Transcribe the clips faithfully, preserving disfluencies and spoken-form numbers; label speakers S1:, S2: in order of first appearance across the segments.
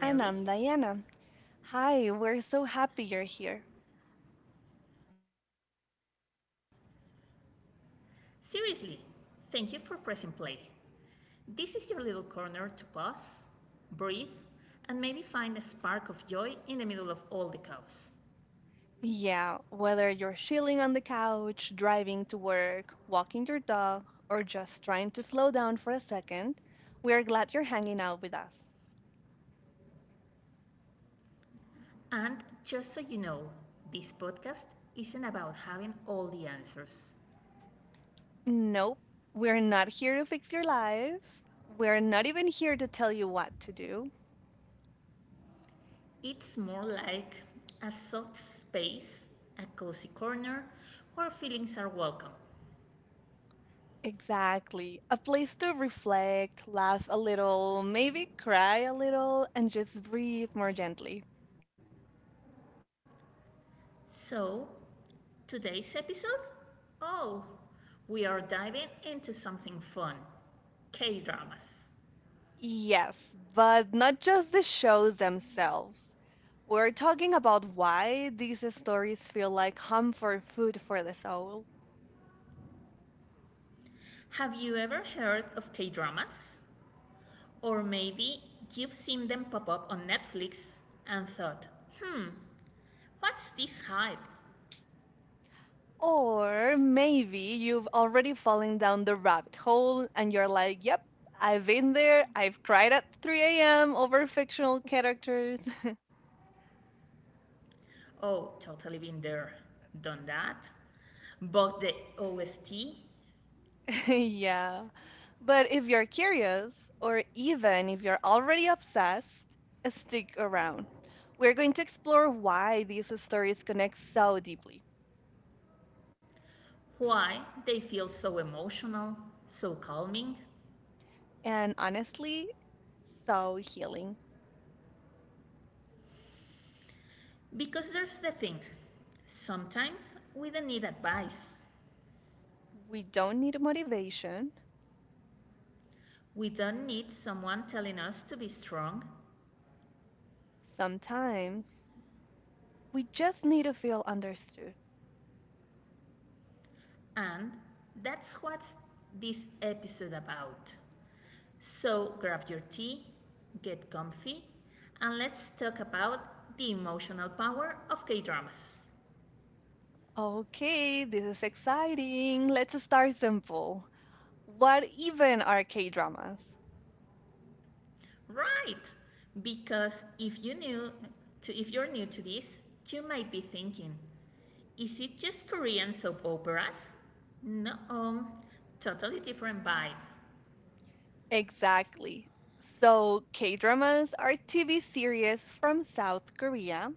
S1: Hey
S2: And I'm
S1: everyone,
S2: Diana.
S1: I'm Nelly.
S2: Hi, we're so happy you're here.
S1: Seriously, thank you for pressing play. This is your little corner to pause, breathe, and maybe find a spark of joy in the middle of all the chaos.
S2: Yeah, whether you're chilling on the couch, driving to work, walking your dog, or just trying to slow down for a second, we're glad you're hanging out with us.
S1: And just so you know, this podcast isn't about having all the answers.
S2: Nope, we're not here to fix your life. We're not even here to tell you what to do.
S1: It's more like a soft space, a cozy corner where feelings are welcome.
S2: Exactly. A place to reflect, laugh a little, maybe cry a little, and just breathe more gently.
S1: So, today's episode? Oh, we are diving into something fun K dramas.
S2: Yes, but not just the shows themselves. We're talking about why these stories feel like comfort food for the soul.
S1: Have you ever heard of K dramas? Or maybe you've seen them pop up on Netflix and thought, what's this hype?
S2: Or maybe you've already fallen down the rabbit hole and you're like, yep, I've been there. I've cried at three a m over fictional characters.
S1: Oh, totally been there, done that. But the O S T,
S2: Yeah. But if you're curious, or even if you're already obsessed, uh, stick around. We're going to explore why these stories connect so deeply
S1: why they feel so emotional, so calming?
S2: and honestly, so healing.
S1: Because there's the thing sometimes we don't need advice.
S2: We don't need motivation.
S1: We don't need someone telling us to be strong,
S2: Sometimes we just need to feel understood.
S1: and that's what this episode about. So grab your tea, get comfy, and let's talk about the emotional power of K-dramas.
S2: Okay, this is exciting. Let's start simple. What even are K dramas?
S1: Right, because if you new to if you're new to this, you might be thinking, is it just Korean soap operas? No, um, totally different vibe.
S2: Exactly. So, K dramas are T V series from South Korea,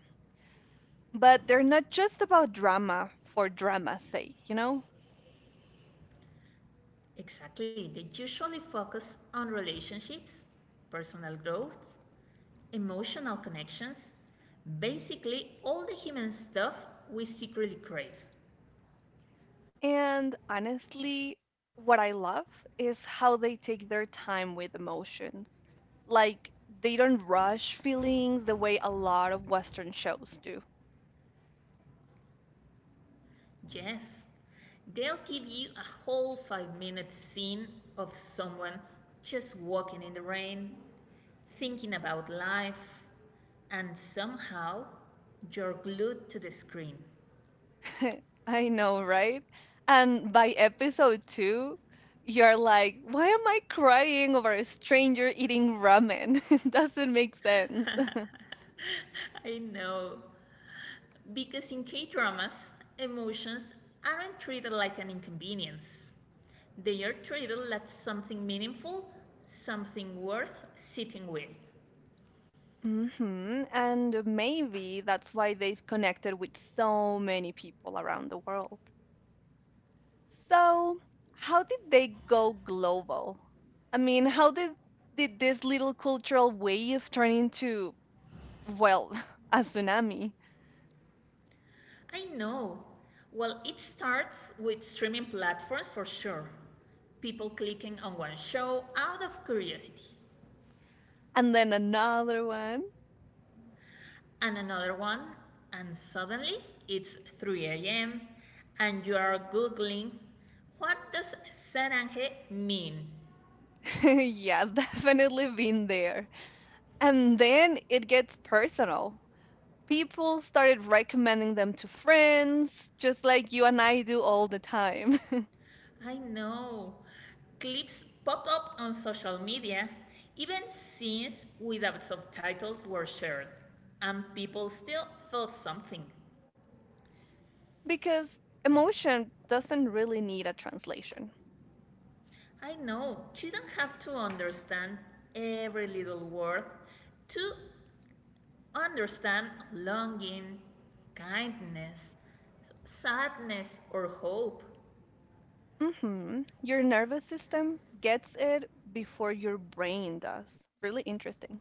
S2: but they're not just about drama for drama's sake, you know?
S1: Exactly. They usually focus on relationships, personal growth, emotional connections, basically all the human stuff we secretly crave.
S2: And honestly, what I love is how they take their time with emotions. Like, they don't rush feelings the way a lot of Western shows do.
S1: Yes. They'll give you a whole five minute scene of someone just walking in the rain, thinking about life, and somehow you're glued to the screen.
S2: I know, right? And by episode two, you're like, why am I crying over a stranger eating ramen? It doesn't make sense.
S1: I know. Because in K dramas, emotions aren't treated like an inconvenience, they are treated like something meaningful, something worth sitting with.
S2: Hmm. And maybe that's why they've connected with so many people around the world. So, how did they go global? I mean, how did did this little cultural wave turn into, well, a tsunami
S1: I know. Well, it starts with streaming platforms for sure. People clicking on one show out of curiosity,
S2: and then another one?
S1: and another one, and suddenly it's three a m, and you are Googling what does Saranje mean?
S2: Yeah, definitely been there. And then it gets personal. People started recommending them to friends, just like you and I do all the time,
S1: I know. Clips popped up on social media, even scenes without subtitles were shared, and people still felt something.
S2: because emotion doesn't really need a translation.
S1: I know, you don't have to understand every little word to understand longing, kindness, sadness, or hope.
S2: Hmm. Your nervous system gets it before your brain does. Really interesting.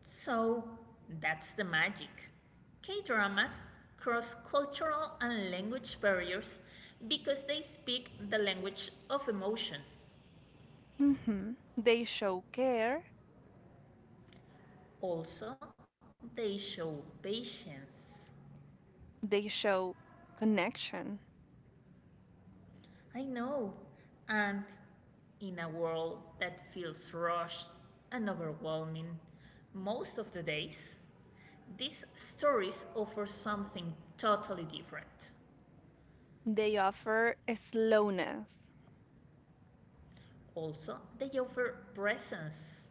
S1: So that's the magic. K dramas cross cultural and language barriers because they speak the language of emotion.
S2: Hmm. They show care,
S1: Also, they show patience.
S2: they show connection,
S1: I know. And in a world that feels rushed and overwhelming most of the days, these stories offer something totally different.
S2: they offer a slowness.
S1: Also, they offer presence.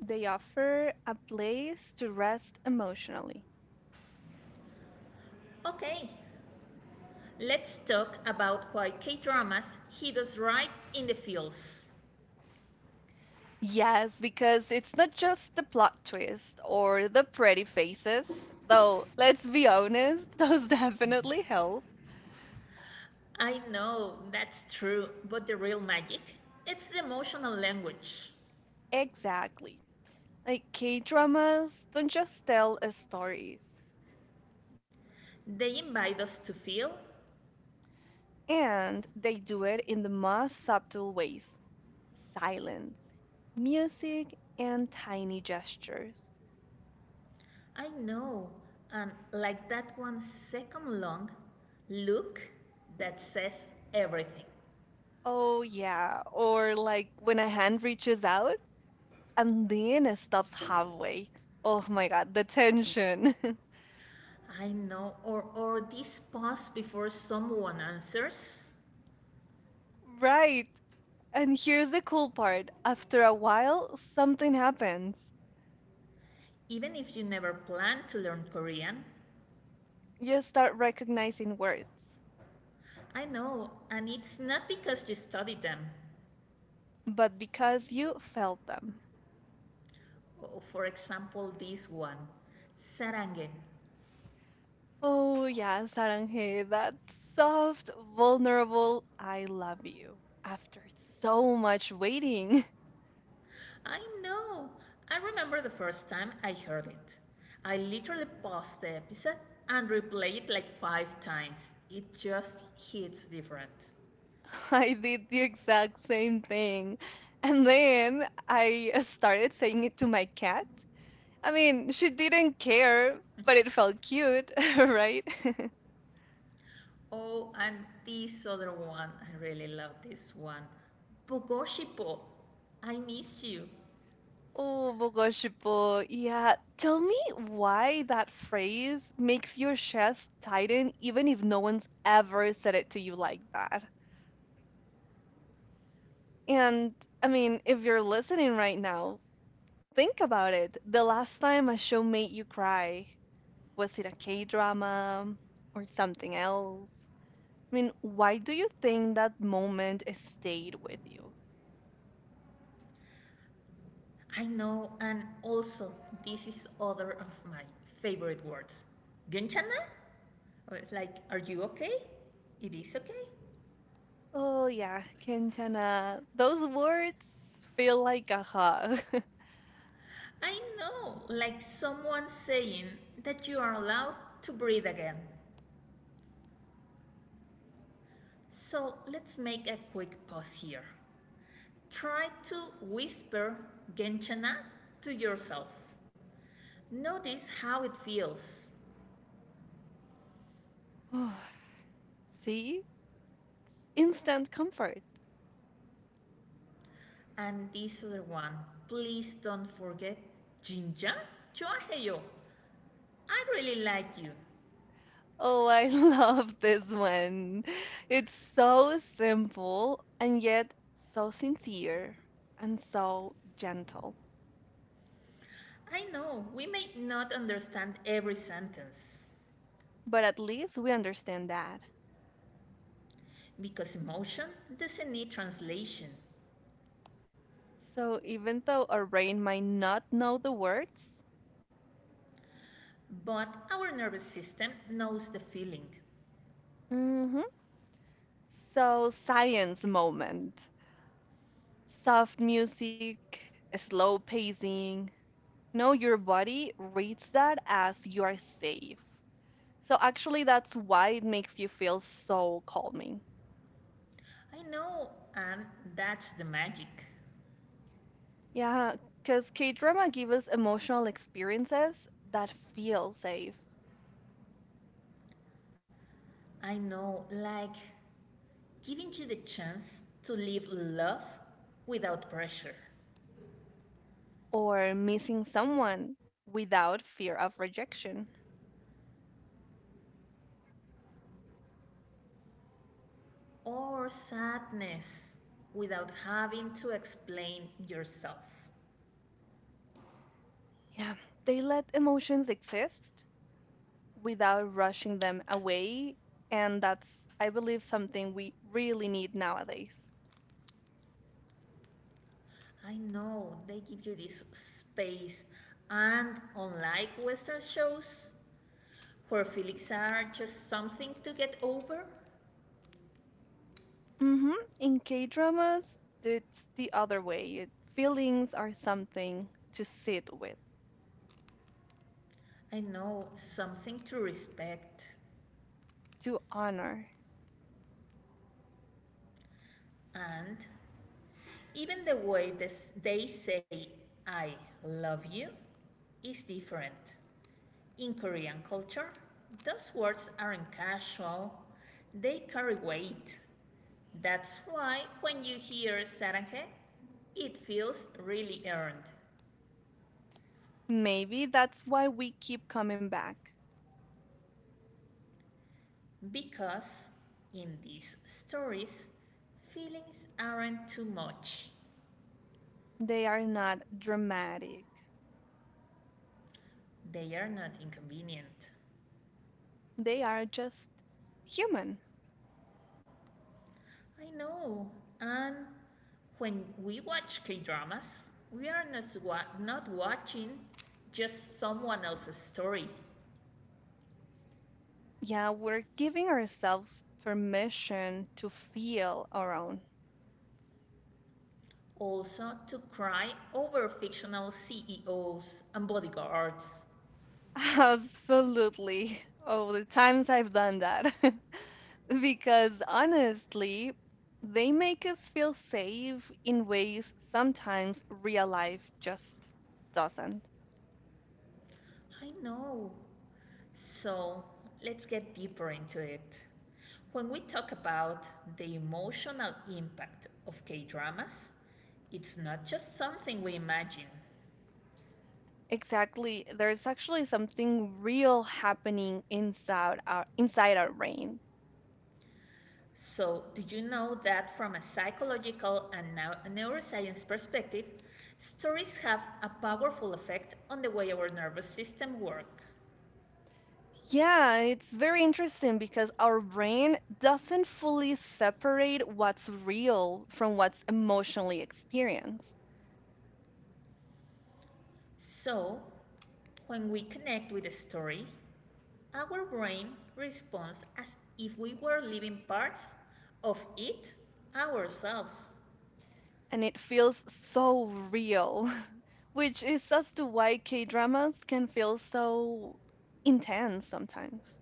S2: They offer a place to rest emotionally.
S1: Okay, let's talk about why K dramas hit us right in the feels.
S2: Yes, because it's not just the plot twist or the pretty faces, though let's be honest, those definitely help.
S1: I know that's true, but the real magic? It's the emotional language.
S2: Exactly. Like K-dramas don't just tell us stories,
S1: They invite us to feel.
S2: and they do it in the most subtle ways. Silence, music, and tiny gestures.
S1: I know, and like that one second long look that says everything.
S2: Oh yeah, or like when a hand reaches out and then it stops halfway. Oh my God, the tension.
S1: I know, or, or this pause before someone answers.
S2: Right. And here's the cool part. After a while, something happens.
S1: Even if you never plan to learn Korean,
S2: You start recognizing words,
S1: I know, and it's not because you studied them.
S2: but because you felt them.
S1: Oh, for example, this one, sarangue.
S2: Oh, yeah, Saranje, that soft, vulnerable, I love you. After so much waiting,
S1: I know. I remember the first time I heard it. I literally paused the episode and replayed it like five times. It just hits different.
S2: I did the exact same thing. And then I started saying it to my cat. I mean, she didn't care, but it felt cute, right?
S1: Oh, and this other one, I really love this one. Pogoshipo, I miss you.
S2: Oh, Bogoshipo. Yeah, tell me why that phrase makes your chest tighten even if no one's ever said it to you like that. And I mean, if you're listening right now, think about it. The last time a show made you cry, was it a K-drama or something else? I mean, why do you think that moment stayed with you?
S1: I know, and also, this is other of my favorite words. Gunchana? I like, are you okay? It is okay.
S2: Oh yeah, Quintana. Those words feel like a hug.
S1: I know, like someone saying that you are allowed to breathe again. So let's make a quick pause here. Try to whisper Genchana to yourself. Notice how it feels.
S2: Oh, see? Instant comfort.
S1: And this other one, please don't forget Jinja Chuaheyo. I really like you.
S2: Oh, I love this one. It's so simple and yet so sincere and so gentle.
S1: I know we may not understand every sentence,
S2: But at least we understand that.
S1: because emotion doesn't need translation,
S2: So even though our brain might not know the words,
S1: but our nervous system knows the feeling.
S2: mhm. So science moment. Soft music, slow pacing, no, your body reads that as you are safe. So actually, that's why it makes you feel so calming.
S1: I know, and that's the magic.
S2: Yeah, because K-drama gives us emotional experiences that feel safe
S1: I know, like giving you the chance to live love without pressure
S2: or missing someone without fear of rejection.
S1: or sadness without having to explain yourself.
S2: Yeah, they let emotions exist without rushing them away, and that's, I believe, something we really need nowadays.
S1: I know they give you this space, and unlike Western shows, for feelings are just something to get over.
S2: Hmm. In K-dramas, it's the other way. It- Feelings are something to sit with,
S1: I know something to respect.
S2: to honor.
S1: And even the way this, they say I love you is different. In Korean culture, those words aren't casual, they carry weight. That's why when you hear "사랑해," it feels really earned.
S2: Maybe that's why we keep coming back.
S1: Because in these stories, feelings aren't too much.
S2: They are not dramatic.
S1: They are not inconvenient.
S2: They are just human.
S1: I know. And when we watch K dramas, we are not, wa- not watching just someone else's story.
S2: Yeah, we're giving ourselves permission to feel our own.
S1: Also, to cry over fictional C E Os and bodyguards.
S2: Absolutely. Oh, the times I've done that. Because honestly, they make us feel safe in ways sometimes real life just doesn't.
S1: I know. So, let's get deeper into it. When we talk about the emotional impact of K dramas, it's not just something we imagine.
S2: Exactly. There's actually something real happening inside our inside our brain.
S1: So, do you know that from a psychological and neuroscience perspective, stories have a powerful effect on the way our nervous system works?
S2: Yeah, it's very interesting because our brain doesn't fully separate what's real from what's emotionally experienced.
S1: So, when we connect with a story, our brain responds as if we were living parts of it ourselves.
S2: And it feels so real, which is as to why K dramas can feel so intense sometimes.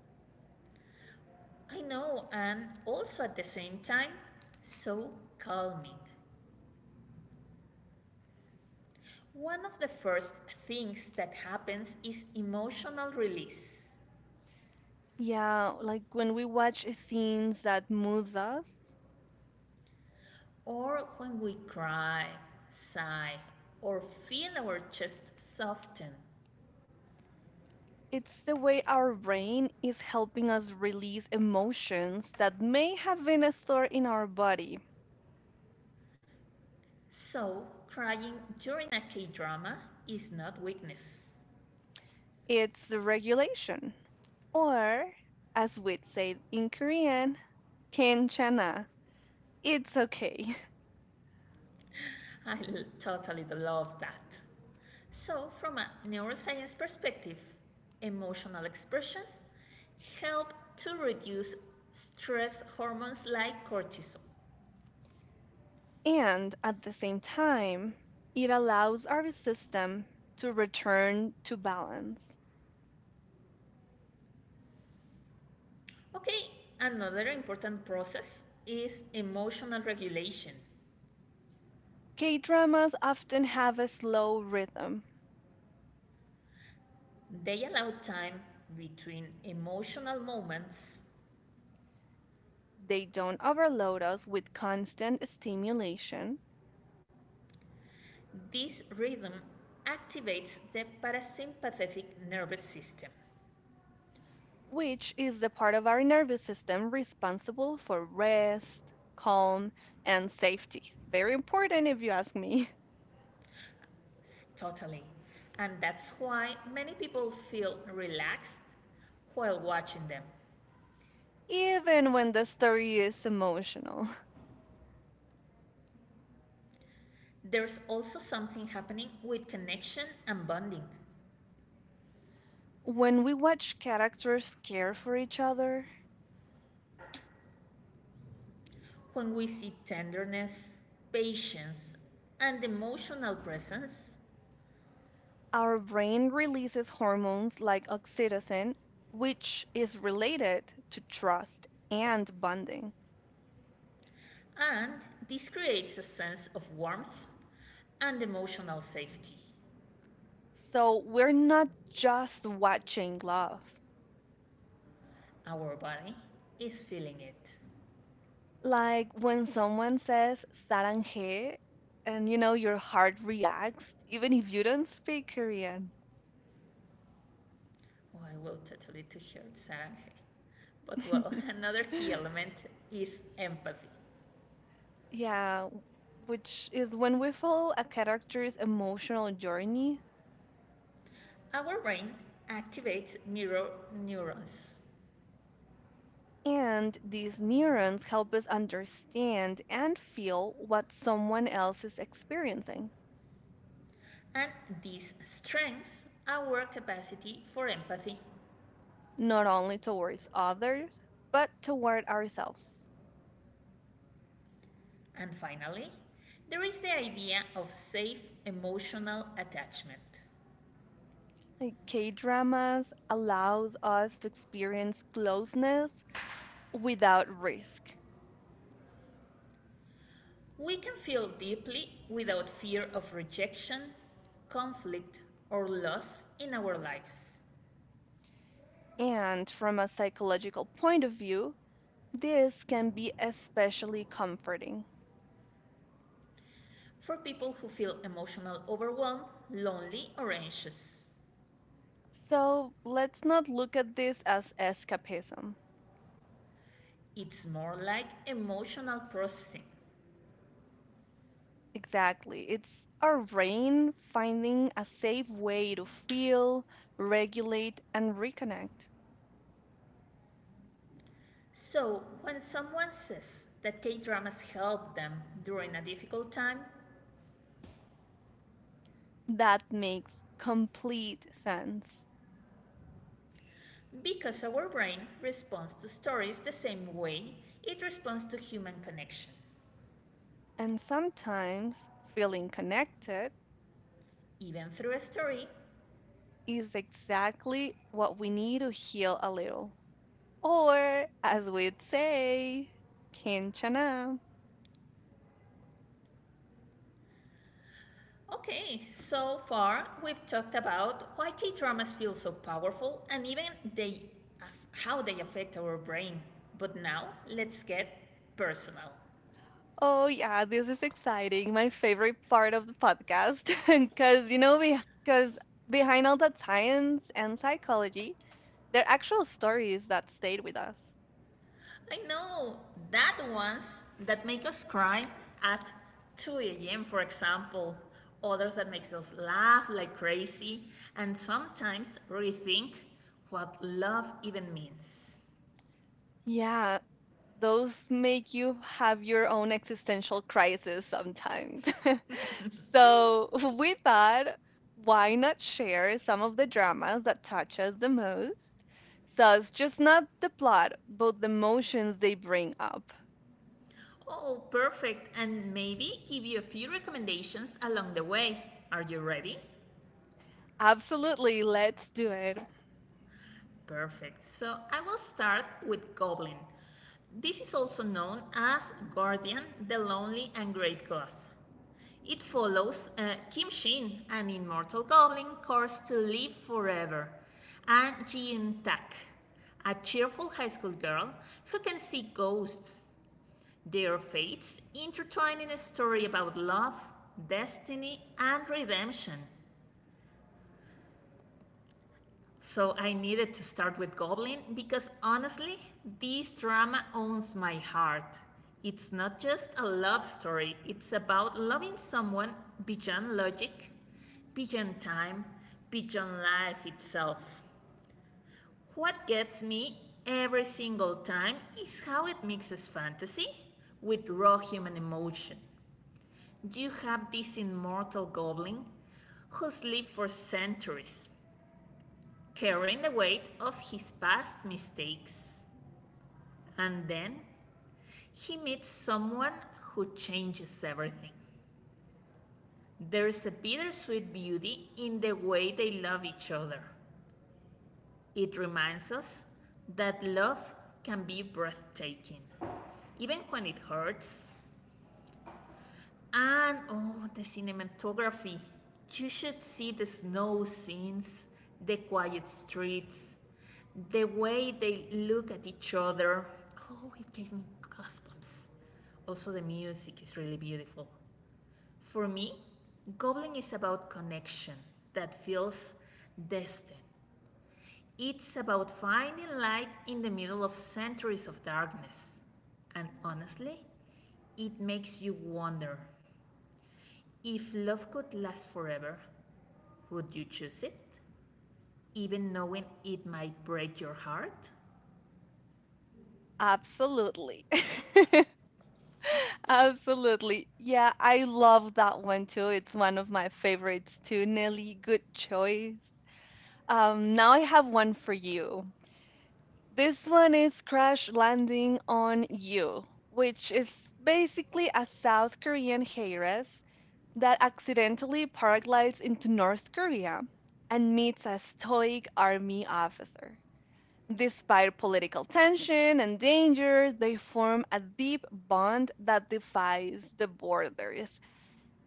S1: I know, and also at the same time, so calming. One of the first things that happens is emotional release.
S2: Yeah, like when we watch scenes that moves us,
S1: Or when we cry, sigh, or feel our chest soften.
S2: it's the way our brain is helping us release emotions that may have been stored in our body.
S1: So, crying during a K drama is not weakness.
S2: It's the regulation, or as we'd say in Korean, kenchana. It's okay.
S1: I totally love that. So, from a neuroscience perspective, emotional expressions help to reduce stress hormones like cortisol.
S2: And at the same time, it allows our system to return to balance.
S1: Okay, another important process is emotional regulation.
S2: K dramas often have a slow rhythm.
S1: They allow time between emotional moments.
S2: They don't overload us with constant stimulation,
S1: This rhythm activates the parasympathetic nervous system.
S2: which is the part of our nervous system responsible for rest, calm, and safety. Very important, if you ask me.
S1: Totally. And that's why many people feel relaxed while watching them.
S2: Even when the story is emotional.
S1: There's also something happening with connection and bonding.
S2: When we watch characters care for each other,
S1: When we see tenderness, patience, and emotional presence,
S2: our brain releases hormones like oxytocin, which is related to trust and bonding.
S1: and this creates a sense of warmth and emotional safety.
S2: So we're not just watching love.
S1: Our body is feeling it.
S2: Like when someone says 사랑해, and you know, your heart reacts, even if you don't speak Korean.
S1: Oh, I will totally to hear Saranghe. But well, another key element is empathy.
S2: Yeah, which is when we follow a character's emotional journey,
S1: Our brain activates mirror neurons,
S2: and these neurons help us understand and feel what someone else is experiencing,
S1: and this strengthens our capacity for empathy.
S2: not only towards others, but toward ourselves.
S1: And finally, there is the idea of safe emotional attachment.
S2: Like K-dramas allows us to experience closeness without risk.
S1: We can feel deeply without fear of rejection, conflict, or loss in our lives.
S2: And from a psychological point of view, this can be especially comforting.
S1: For people who feel emotional overwhelm, lonely, or anxious.
S2: So let's not look at this as escapism.
S1: It's more like emotional processing.
S2: Exactly. It's our brain finding a safe way to feel, regulate, and reconnect.
S1: So, when someone says that K dramas help them during a difficult time,
S2: That makes complete sense.
S1: because our brain responds to stories the same way it responds to human connection.
S2: And sometimes feeling connected
S1: Even through a story,
S2: is exactly what we need to heal a little. Or, as we'd say, Kinchana.
S1: okay, so far we've talked about why K dramas feel so powerful and even they how they affect our brain. But now let's get personal.
S2: Oh, yeah, this is exciting. My favorite part of the podcast because you know because behind all that science and psychology, there are actual stories that stayed with us.
S1: I know that ones that make us cry at two a m for example, others that makes us laugh like crazy and sometimes rethink what love even means.
S2: Yeah, those make you have your own existential crisis sometimes. So we thought, why not share some of the dramas that touch us the most? So it's just not the plot, but the emotions they bring up.
S1: Oh, perfect. And maybe give you a few recommendations along the way. Are you ready?
S2: Absolutely, let's do it.
S1: Perfect. So I will start with Goblin. This is also known as Guardian, the Lonely and Great Goth. It follows uh, Kim Shin, an immortal goblin cursed to live forever, and Jin Tak, a cheerful high school girl who can see ghosts. Their fates intertwine in a story about love, destiny, and redemption. So I needed to start with Goblin because honestly, this drama owns my heart. It's not just a love story, it's about loving someone beyond logic, beyond time, beyond life itself. What gets me every single time is how it mixes fantasy with raw human emotion. Do you have this immortal goblin who's lived for centuries, carrying the weight of his past mistakes. And then he meets someone who changes everything. There's a bittersweet beauty in the way they love each other. It reminds us that love can be breathtaking, even when it hurts. And oh, the cinematography. You should see the snow scenes, the quiet streets, the way they look at each other. Oh, it gave me goosebumps. Also, the music is really beautiful. For me, Goblin is about connection that feels destined. It's about finding light in the middle of centuries of darkness. And honestly, it makes you wonder if love could last forever, would you choose it? Even knowing it might break your heart?
S2: Absolutely. Absolutely. Yeah, I love that one too. It's one of my favorites too, Nelly. Good choice. Um, now I have one for you. This one is Crash Landing on You, which is basically a South Korean heiress that accidentally paraglides into North Korea and meets a stoic army officer. Despite political tension and danger, they form a deep bond that defies the borders.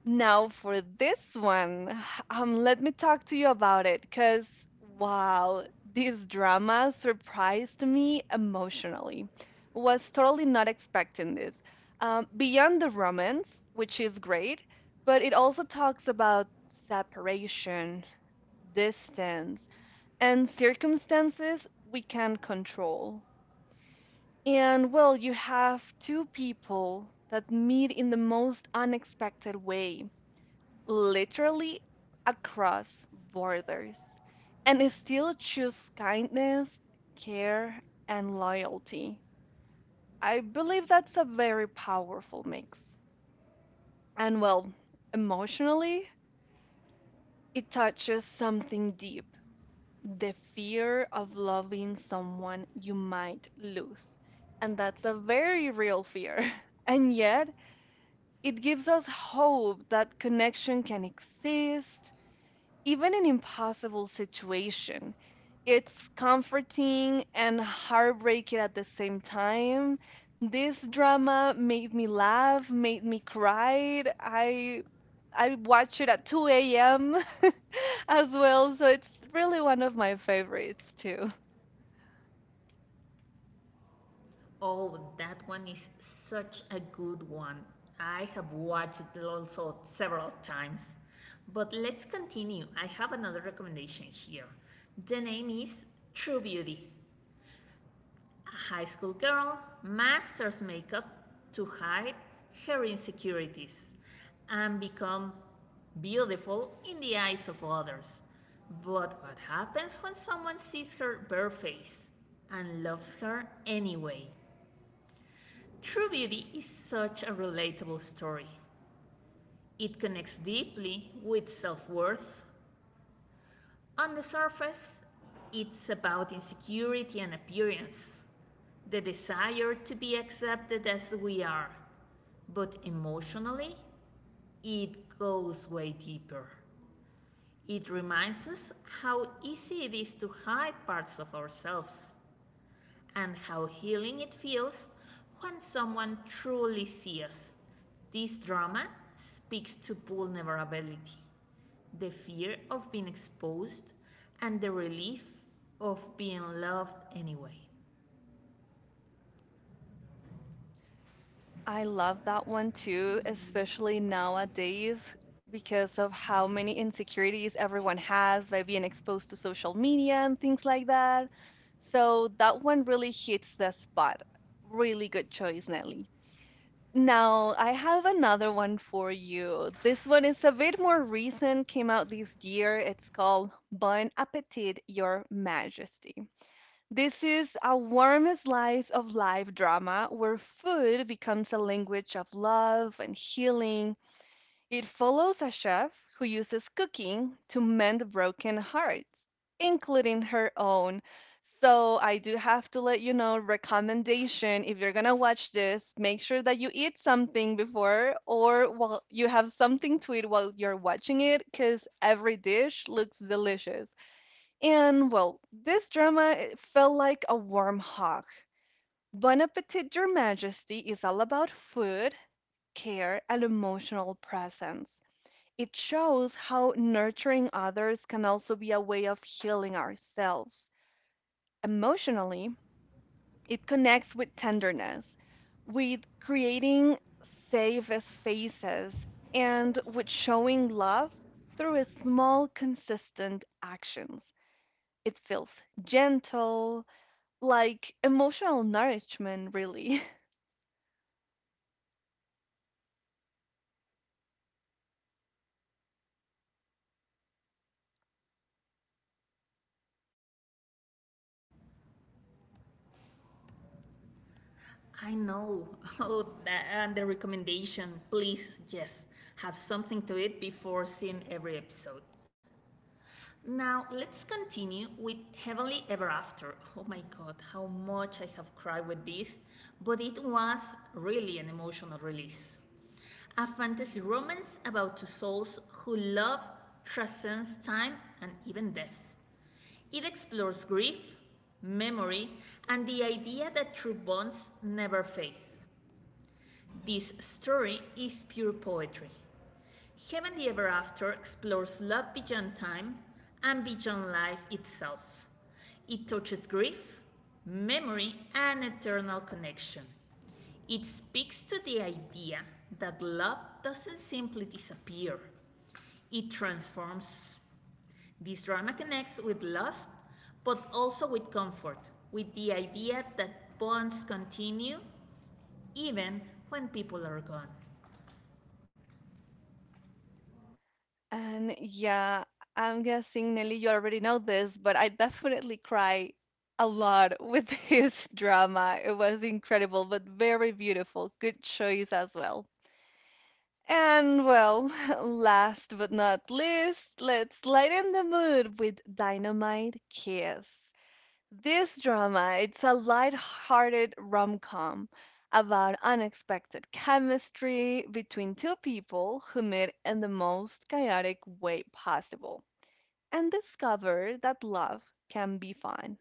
S2: Now, for this one, um, let me talk to you about it because, wow, this drama surprised me emotionally. Was totally not expecting this. Um, beyond the romance, which is great, but it also talks about separation, distance and circumstances we can control. And well, you have two people that meet in the most unexpected way, literally across borders, and still choose kindness, care, and loyalty. I believe that's a very powerful mix. And well, emotionally, it touches something deep, the fear of loving someone you might lose. And that's a very real fear. And yet, it gives us hope that connection can exist, even an impossible situation. It's comforting and heartbreaking at the same time. This drama made me laugh, made me cry. I I watch it at two a m as well, so it's really one of my favorites too.
S1: Oh, that one is such a good one. I have watched it also several times. But let's continue. I have another recommendation here. The name is True Beauty. High school girl masters makeup to hide her insecurities and become beautiful in the eyes of others. But what happens when someone sees her bare face and loves her anyway? True Beauty is such a relatable story. It connects deeply with self worth. On the surface, it's about insecurity and appearance, the desire to be accepted as we are. But emotionally, it goes way deeper. It reminds us how easy it is to hide parts of ourselves and how healing it feels when someone truly sees us. This drama speaks to vulnerability, the fear of being exposed, and the relief of being loved anyway.
S2: I love that one too, especially nowadays because of how many insecurities everyone has by being exposed to social media and things like that. So that one really hits the spot. Really good choice, Nelly. Now, I have another one for you. This one is a bit more recent, came out this year. It's called Bon Appetit, Your Majesty. This is a warm slice of life drama where food becomes a language of love and healing. It follows a chef who uses cooking to mend broken hearts, including her own. So I do have to let you know recommendation if you're gonna watch this, make sure that you eat something before or while you have something to eat while you're watching it, because every dish looks delicious. And well, this drama it felt like a warm hug. Bon Appetit, Your Majesty is all about food, care, and emotional presence. It shows how nurturing others can also be a way of healing ourselves. Emotionally, it connects with tenderness, with creating safe spaces, and with showing love through a small, consistent actions. It feels gentle, like emotional nourishment, really.
S1: I know. Oh, that, and the recommendation. Please, yes, have something to eat before seeing every episode. Now, let's continue with Heavenly Ever After. Oh my god, how much I have cried with this, but it was really an emotional release. A fantasy romance about two souls who love transcends time and even death. It explores grief, memory, and the idea that true bonds never fade. This story is pure poetry. Heaven the Ever After explores love beyond time and beyond life itself. It touches grief, memory, and eternal connection. It speaks to the idea that love doesn't simply disappear, it transforms. This drama connects with loss, but also with comfort, with the idea that bonds continue even when people are gone.
S2: And yeah, I'm guessing Nelly, you already know this, but I definitely cry a lot with his drama. It was incredible, but very beautiful. Good choice as well. And well, last but not least, let's lighten the mood with Dynamite Kiss. This drama, it's a light-hearted rom-com about unexpected chemistry between two people who meet in the most chaotic way possible and discover that love can be fun.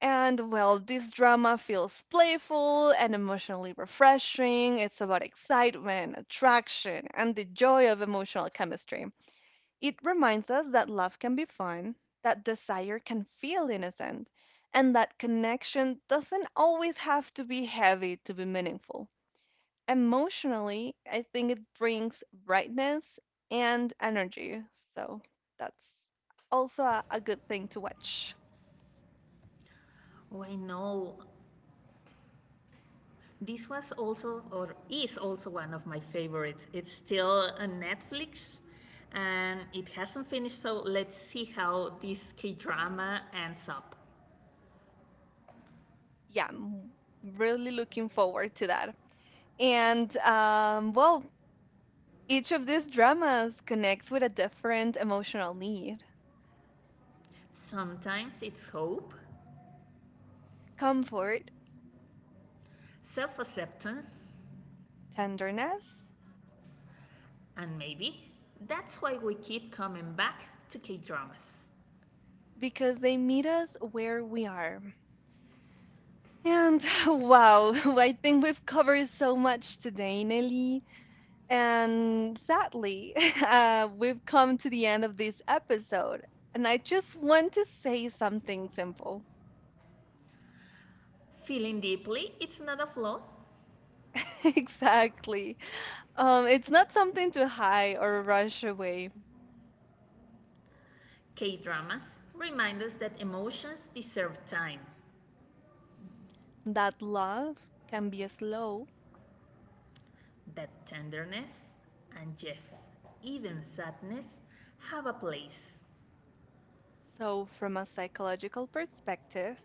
S2: And well, this drama feels playful and emotionally refreshing. It's about excitement, attraction, and the joy of emotional chemistry. It reminds us that love can be fun, that desire can feel innocent, and that connection doesn't always have to be heavy to be meaningful. Emotionally, I think it brings brightness and energy, so that's also a, a good thing to watch.
S1: Oh, I know. This was also, or is also, one of my favorites. It's still on Netflix and it hasn't finished, so let's see how this K drama ends up.
S2: Yeah, I'm really looking forward to that. And um, well, each of these dramas connects with a different emotional need,
S1: Sometimes it's hope,
S2: comfort,
S1: self acceptance,
S2: tenderness,
S1: and maybe. That's why we keep coming back to K dramas.
S2: because they meet us where we are. And wow, I think we've covered so much today, Nelly. And sadly, uh, we've come to the end of this episode. And I just want to say something simple.
S1: Feeling deeply, it's not a flaw.
S2: Exactly. Um, it's not something to hide or rush away.
S1: K dramas remind us that emotions deserve time
S2: That love can be slow.
S1: that tenderness and yes, even sadness have a place.
S2: So, from a psychological perspective,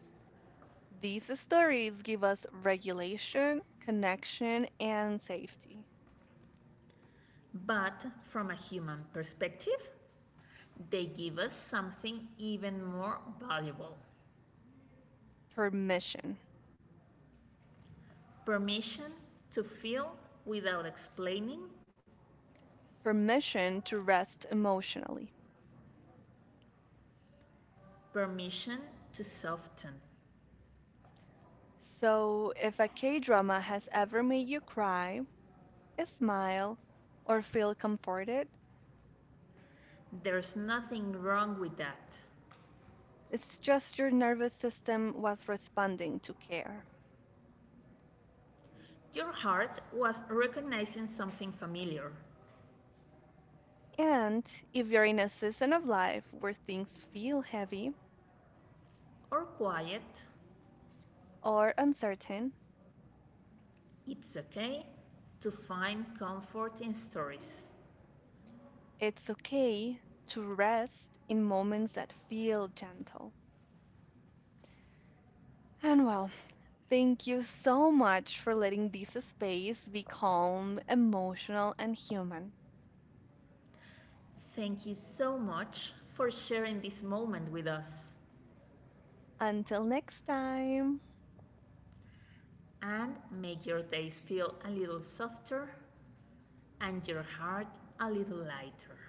S2: these stories give us regulation, connection, and safety.
S1: But from a human perspective, they give us something even more valuable
S2: Permission.
S1: permission to feel without explaining,
S2: Permission to rest emotionally.
S1: permission to soften.
S2: So, if a K drama has ever made you cry, smile, or feel comforted,
S1: There's nothing wrong with that.
S2: it's just your nervous system was responding to care.
S1: Your heart was recognizing something familiar
S2: And if you're in a season of life where things feel heavy
S1: or quiet.
S2: or uncertain,
S1: It's okay to find comfort in stories.
S2: it's okay to rest in moments that feel gentle. And well, thank you so much for letting this space be calm, emotional, and human.
S1: Thank you so much for sharing this moment with us
S2: Until next time.
S1: and make your days feel a little softer and your heart a little lighter.